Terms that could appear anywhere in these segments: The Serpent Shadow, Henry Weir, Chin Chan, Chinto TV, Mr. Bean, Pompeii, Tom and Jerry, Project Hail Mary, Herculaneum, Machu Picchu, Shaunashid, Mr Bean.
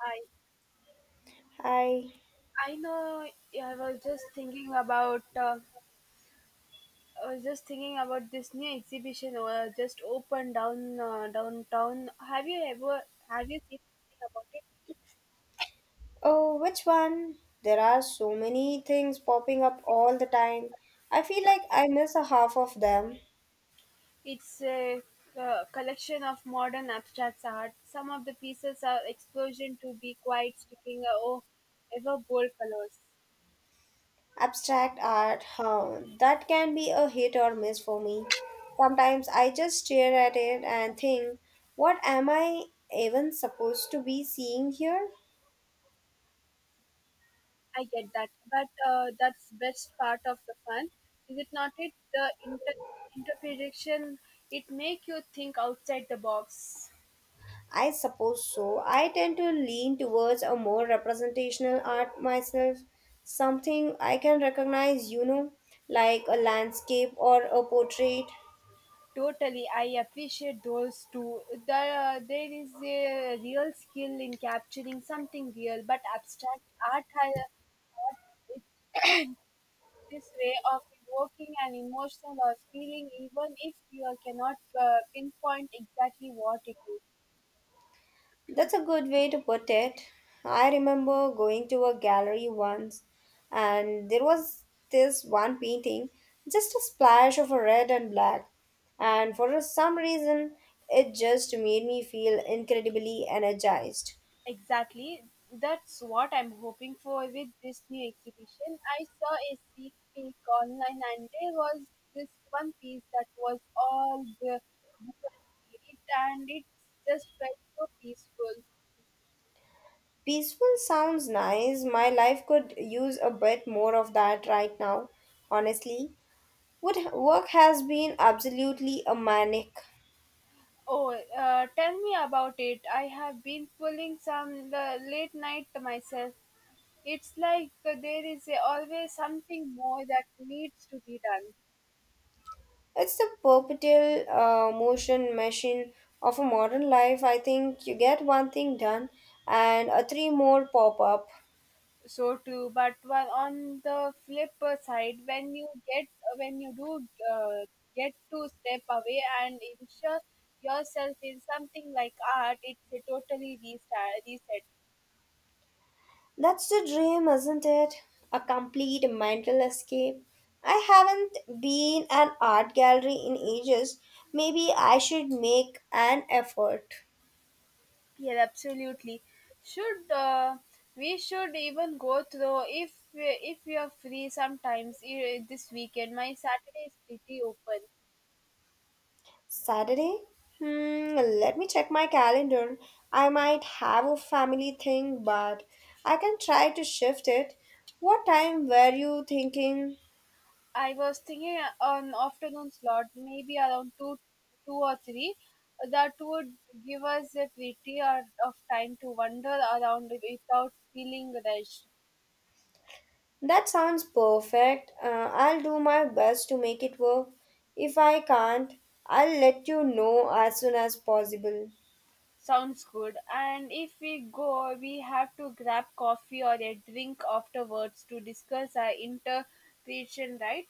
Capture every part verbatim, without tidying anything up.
I Hi. I know. Yeah, I was just thinking about. Uh, I was just thinking about this new exhibition uh, just opened down uh, downtown. Have you ever have you seen anything about it? Oh, which one? There are so many things popping up all the time. I feel like I miss a half of them. It's a uh, collection of modern abstract art. Some of the pieces are explosion to be quite striking uh, or ever bold colors. Abstract art, huh? That can be a hit or miss for me. Sometimes I just stare at it and think, what am I even supposed to be seeing here? I get that, but uh, that's best part of the fun, is it not? It the inter interpretation it make you think outside the box. I suppose so. I tend to lean towards a more representational art myself, something I can recognize, you know, like a landscape or a portrait. Totally, I appreciate those too. The, there is a real skill in capturing something real, but abstract art has art this way of evoking an emotion or feeling, even if you cannot uh, pinpoint exactly what it is. That's a good way to put it. I remember going to a gallery once and there was this one painting, just a splash of a red and black. And for some reason, it just made me feel incredibly energized. Exactly. That's what I'm hoping for with this new exhibition. I saw a sneak peek online and there was this one piece that was all the blue and it and it just felt so peaceful. Peaceful sounds nice. My life could use a bit more of that right now, honestly. Would work has been absolutely a manic. Oh, uh, Tell me about it. I have been pulling some the late night myself. It's like there is always something more that needs to be done. It's the perpetual uh, motion machine of a modern life. I think you get one thing done and a three more pop up. So true, but while on the flip side when you get when you do uh, get to step away and ensure yourself in something like art, it's a totally restart reset. That's the dream, isn't it? A complete mental escape. I haven't been an art gallery in ages. Maybe I should make an effort. Yeah, absolutely should. Uh, we should even go through if we- if you are free sometimes eh, this weekend. My Saturday is pretty open. Saturday? Hmm, let me check my calendar. I might have a family thing, but I can try to shift it. What time were you thinking? I was thinking an afternoon slot, maybe around two, two or three. That would give us a pretty hour of time to wander around without feeling rushed. That sounds perfect. Uh, I'll do my best to make it work. If I can't, I'll let you know as soon as possible. Sounds good. And if we go, we have to grab coffee or a drink afterwards to discuss our interpretation, right?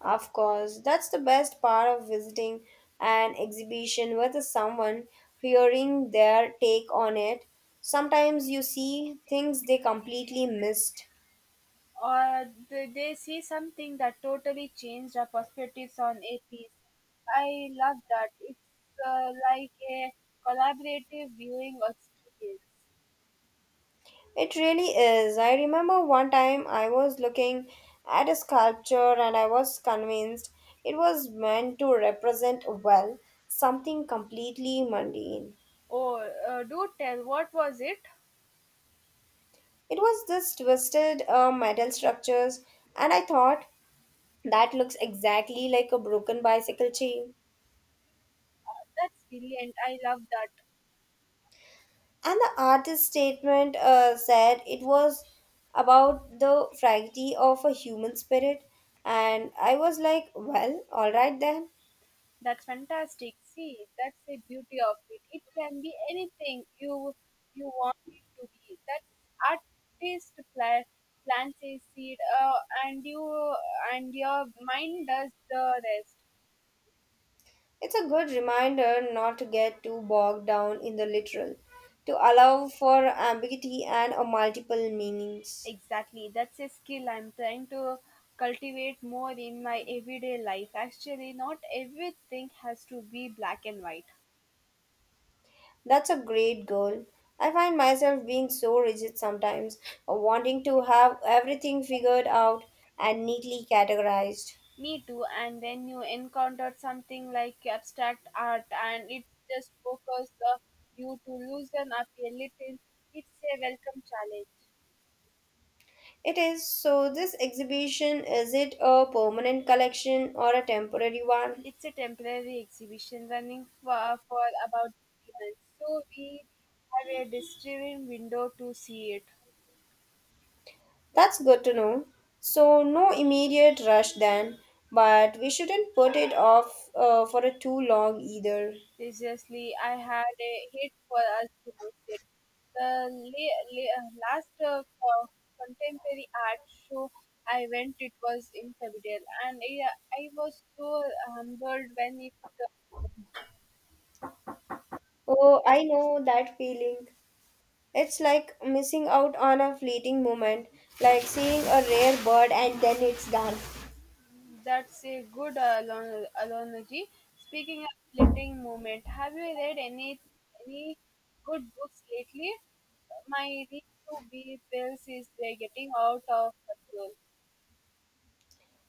Of course, that's the best part of visiting an exhibition with someone, hearing their take on it. Sometimes you see things they completely missed. Or did they see something that totally changed our perspectives on a piece? I love that. It's uh, like a collaborative viewing experience. It really is. I remember one time I was looking at a sculpture and I was convinced it was meant to represent, well, something completely mundane. Oh, uh, do tell, what was it? It was this twisted uh, metal structures, and I thought that looks exactly like a broken bicycle chain. Uh, that's brilliant. I love that. And the artist's statement uh, said it was about the fragility of a human spirit. And I was like, well, alright then. That's fantastic. See, that's the beauty of it. It can be anything you you want it to be. That artist pla- plants a seed, uh, and you and your mind does the rest. It's a good reminder not to get too bogged down in the literal, to allow for ambiguity and a multiple meanings. Exactly. That's a skill I'm trying to cultivate more in my everyday life. Actually, not everything has to be black and white. That's a great goal. I find myself being so rigid sometimes, wanting to have everything figured out and neatly categorized. Me too. And when you encounter something like abstract art and it just focuses uh, you to loosen up a little, it's a welcome challenge. It is. So, this exhibition is it a permanent collection or a temporary one? It's a temporary exhibition running for, for about three months. So we have a distinct window to see it. That's good to know. So, no immediate rush then, but we shouldn't put it off uh, for a too long either. Seriously, I had a hit for us to miss it. The la- la- last uh, co- contemporary art show I went, it was in Fabidel, and I, I was so humbled when it Oh, I know that feeling. It's like missing out on a fleeting moment, like seeing a rare bird and then it's gone. um, that's a good uh, alon- analogy. Speaking of letting movement, have you read any any good books lately? My read to be pills is they're getting out of control.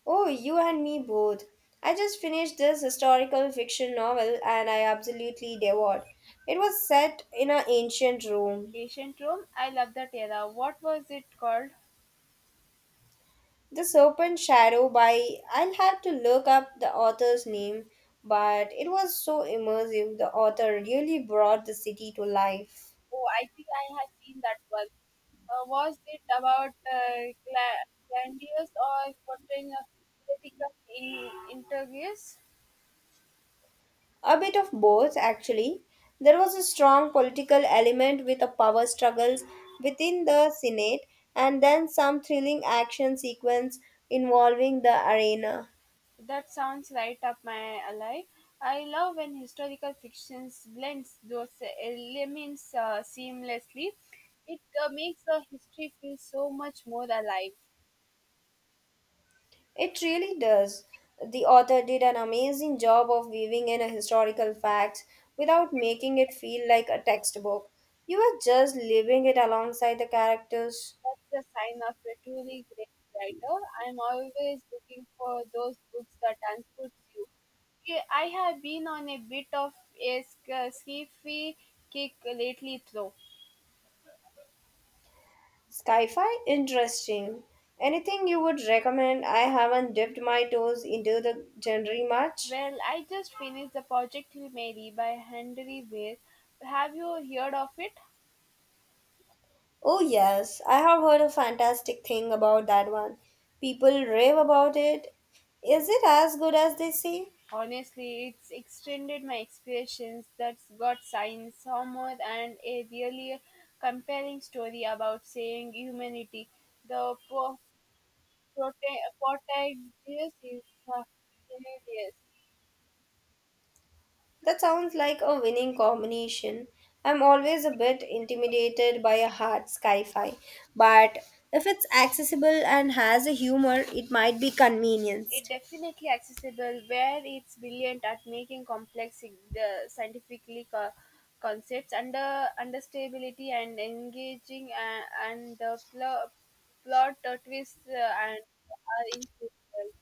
Oh, you and me both. I just finished this historical fiction novel and I absolutely devoured. It was set in an ancient Rome. Ancient Rome, I love that era. What was it called? The Serpent shadow by I'll have to look up the author's name, but it was so immersive. The author really brought the city to life. Oh, I think I have seen that one. Uh, was it about uh, gla- glandios or portraying of political in- intrigues? A bit of both, actually. There was a strong political element with the power struggles within the Senate, and then some thrilling action sequence involving the arena. That sounds right up my alley. I love when historical fiction blends those elements uh, seamlessly. It uh, makes the history feel so much more alive. It really does. The author did an amazing job of weaving in a historical facts without making it feel like a textbook. You were just living it alongside the characters. That's the sign of a truly great writer. I'm always looking for those books that transports you. Okay, I have been on a bit of a sc- sci-fi kick lately, though. Sci-fi? Interesting. Anything you would recommend? I haven't dipped my toes into the genre much. Well, I just finished the Project Hail Mary by Henry Weir. Have you heard of it? Oh yes, I have heard a fantastic thing about that one. People rave about it. Is it as good as they say? Honestly, it's extended my expectations. That's got science, humor, and a really compelling story about saving humanity. The po- Prote- Portagius is uh, hilarious. That sounds like a winning combination. I'm always a bit intimidated by a hard sci-fi, but if it's accessible and has a humor, it might be It convenienced. definitely accessible where it's brilliant at making complex sig- uh, scientifically co- concepts under understability and engaging uh, and the pl- plot uh, twists uh, and are incredible.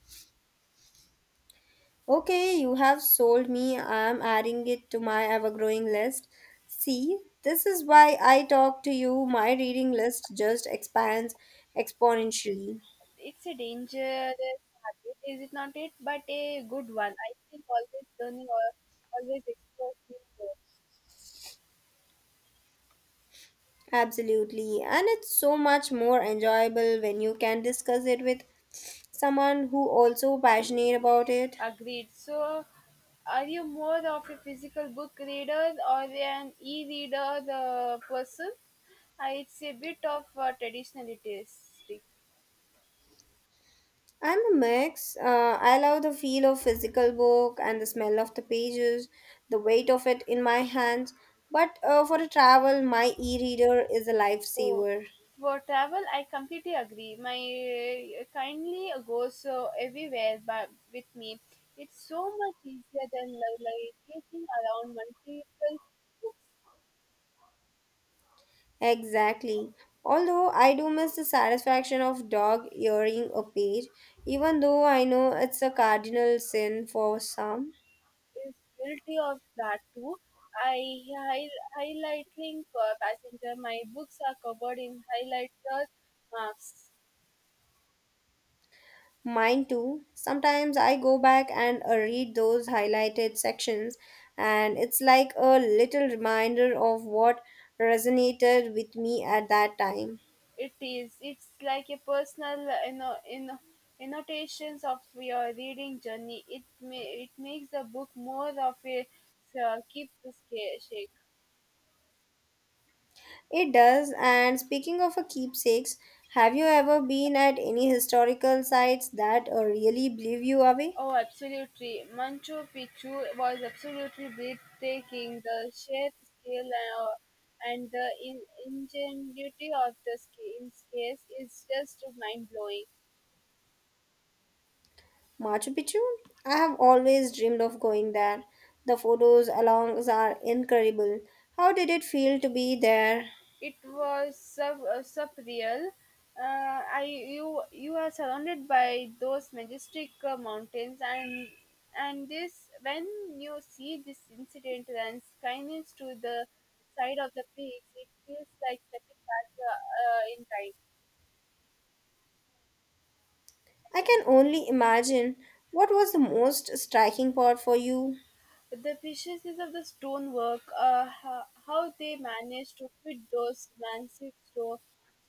Okay, you have sold me. I'm adding it to my ever growing list. See, this is why I talk to you. My reading list just expands exponentially. It's a dangerous habit, is it not? It but a good one. I think always learning or always explore new. Absolutely. And it's so much more enjoyable when you can discuss it with someone who also passionate about it. Agreed. So, are you more of a physical book reader or an e-reader uh, person? Uh, it's a bit of uh, traditional it is. I'm a mix. Uh, I love the feel of physical book and the smell of the pages, the weight of it in my hands. But uh, for a travel, my e-reader is a Oh, lifesaver. for travel, I completely agree. My uh, kindly goes uh, everywhere but with me. It's so much easier than navigating around multiple Exactly. Although I do miss the satisfaction of dog earing a page, even though I know it's a cardinal sin for some. is guilty of that too. I hi- highlighting uh, passenger. My books are covered in highlighter marks. Mine too. Sometimes I go back and uh, read those highlighted sections, and it's like a little reminder of what resonated with me at that time. It is. It's like a personal, uh, you know, in annotations of your reading journey. It may it makes the book more of a uh, keep the sca- shake. It does. And speaking of a keepsakes, have you ever been at any historical sites that uh, really blew you away? Oh, absolutely. Manchu Picchu was absolutely breathtaking. The sheer scale and, uh, and the in- ingenuity of the sca- in space is just mind blowing. Machu Picchu? I have always dreamed of going there. The photos alongs are incredible. How did it feel to be there? It was sub- uh, surreal. Uh, I you you are surrounded by those majestic uh, mountains and and this when you see this incident and kindness to the side of the peaks, it feels like stepping back uh, uh, in time. I can only imagine what was the most striking part for you. The preciousness of the stonework, uh, ho- how they managed to fit those massive sto-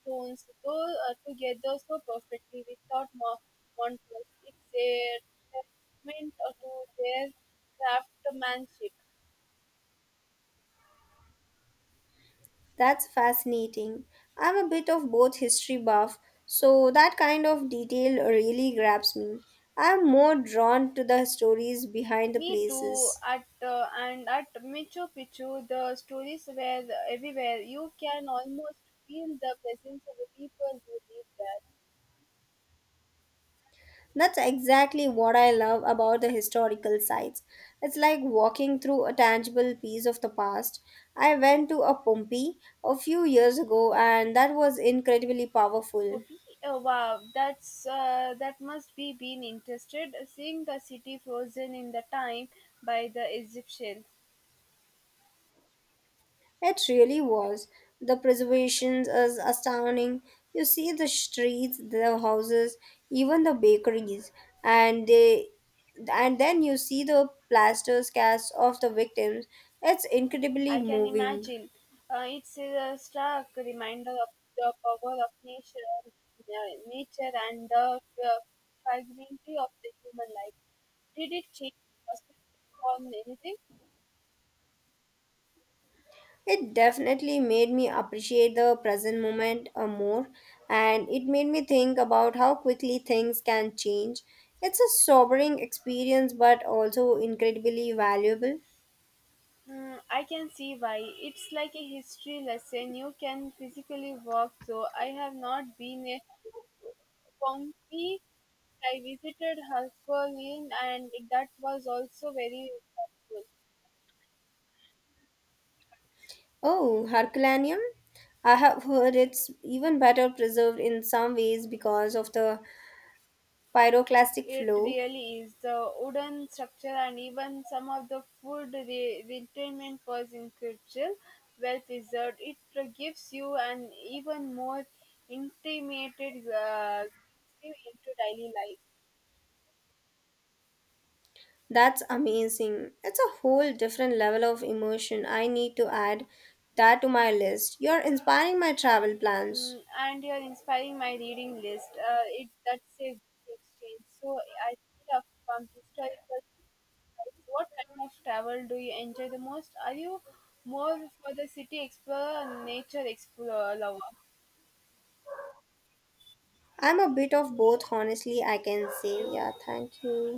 stones though, uh, together so perfectly without mo- monitors. It's a testament uh, to their craftsmanship. That's fascinating. I'm a bit of both history buff, so that kind of detail really grabs me. I'm more drawn to the stories behind the Me too. places. At uh, and at Machu Picchu, the stories were everywhere. You can almost feel the presence of the people who live there. That's exactly what I love about the historical sites. It's like walking through a tangible piece of the past. I went to a Pompeii a few years ago and that was incredibly powerful. Hopi? Oh, wow, that's uh, that must be been interested uh, seeing the city frozen in the time by the Egyptian. It really was. The preservation is astounding. You see the streets, the houses, even the bakeries, and they and then you see the plaster casts of the victims. It's incredibly I can moving. imagine. Uh, it's a stark reminder of the power of nature, uh, nature and the uh, fragility of the human life. Did it change your perspective on anything? It definitely made me appreciate the present moment uh, more, and it made me think about how quickly things can change. It's a sobering experience, but also incredibly valuable. Hmm, I can see why. It's like a history lesson. You can physically walk through. I have not been a Pompeii. I visited Herculaneum, and that was also very helpful. Oh, Herculaneum? I have heard it's even better preserved in some ways because of the pyroclastic It flow. really is. The wooden structure and even some of the food re- retirement was incredible, well preserved. It gives you an even more intimate uh, glimpse into daily life. That's amazing. It's a whole different level of emotion. I need to add that to my list. You're inspiring my travel plans. Mm, and you're inspiring my reading list. Uh, it that's a good exchange. So I feel up from historical sites. What kind of travel do you enjoy the most? Are you more for the city explorer or nature explorer lover? I'm a bit of both, honestly, I can Thank say. you. Yeah, thank you.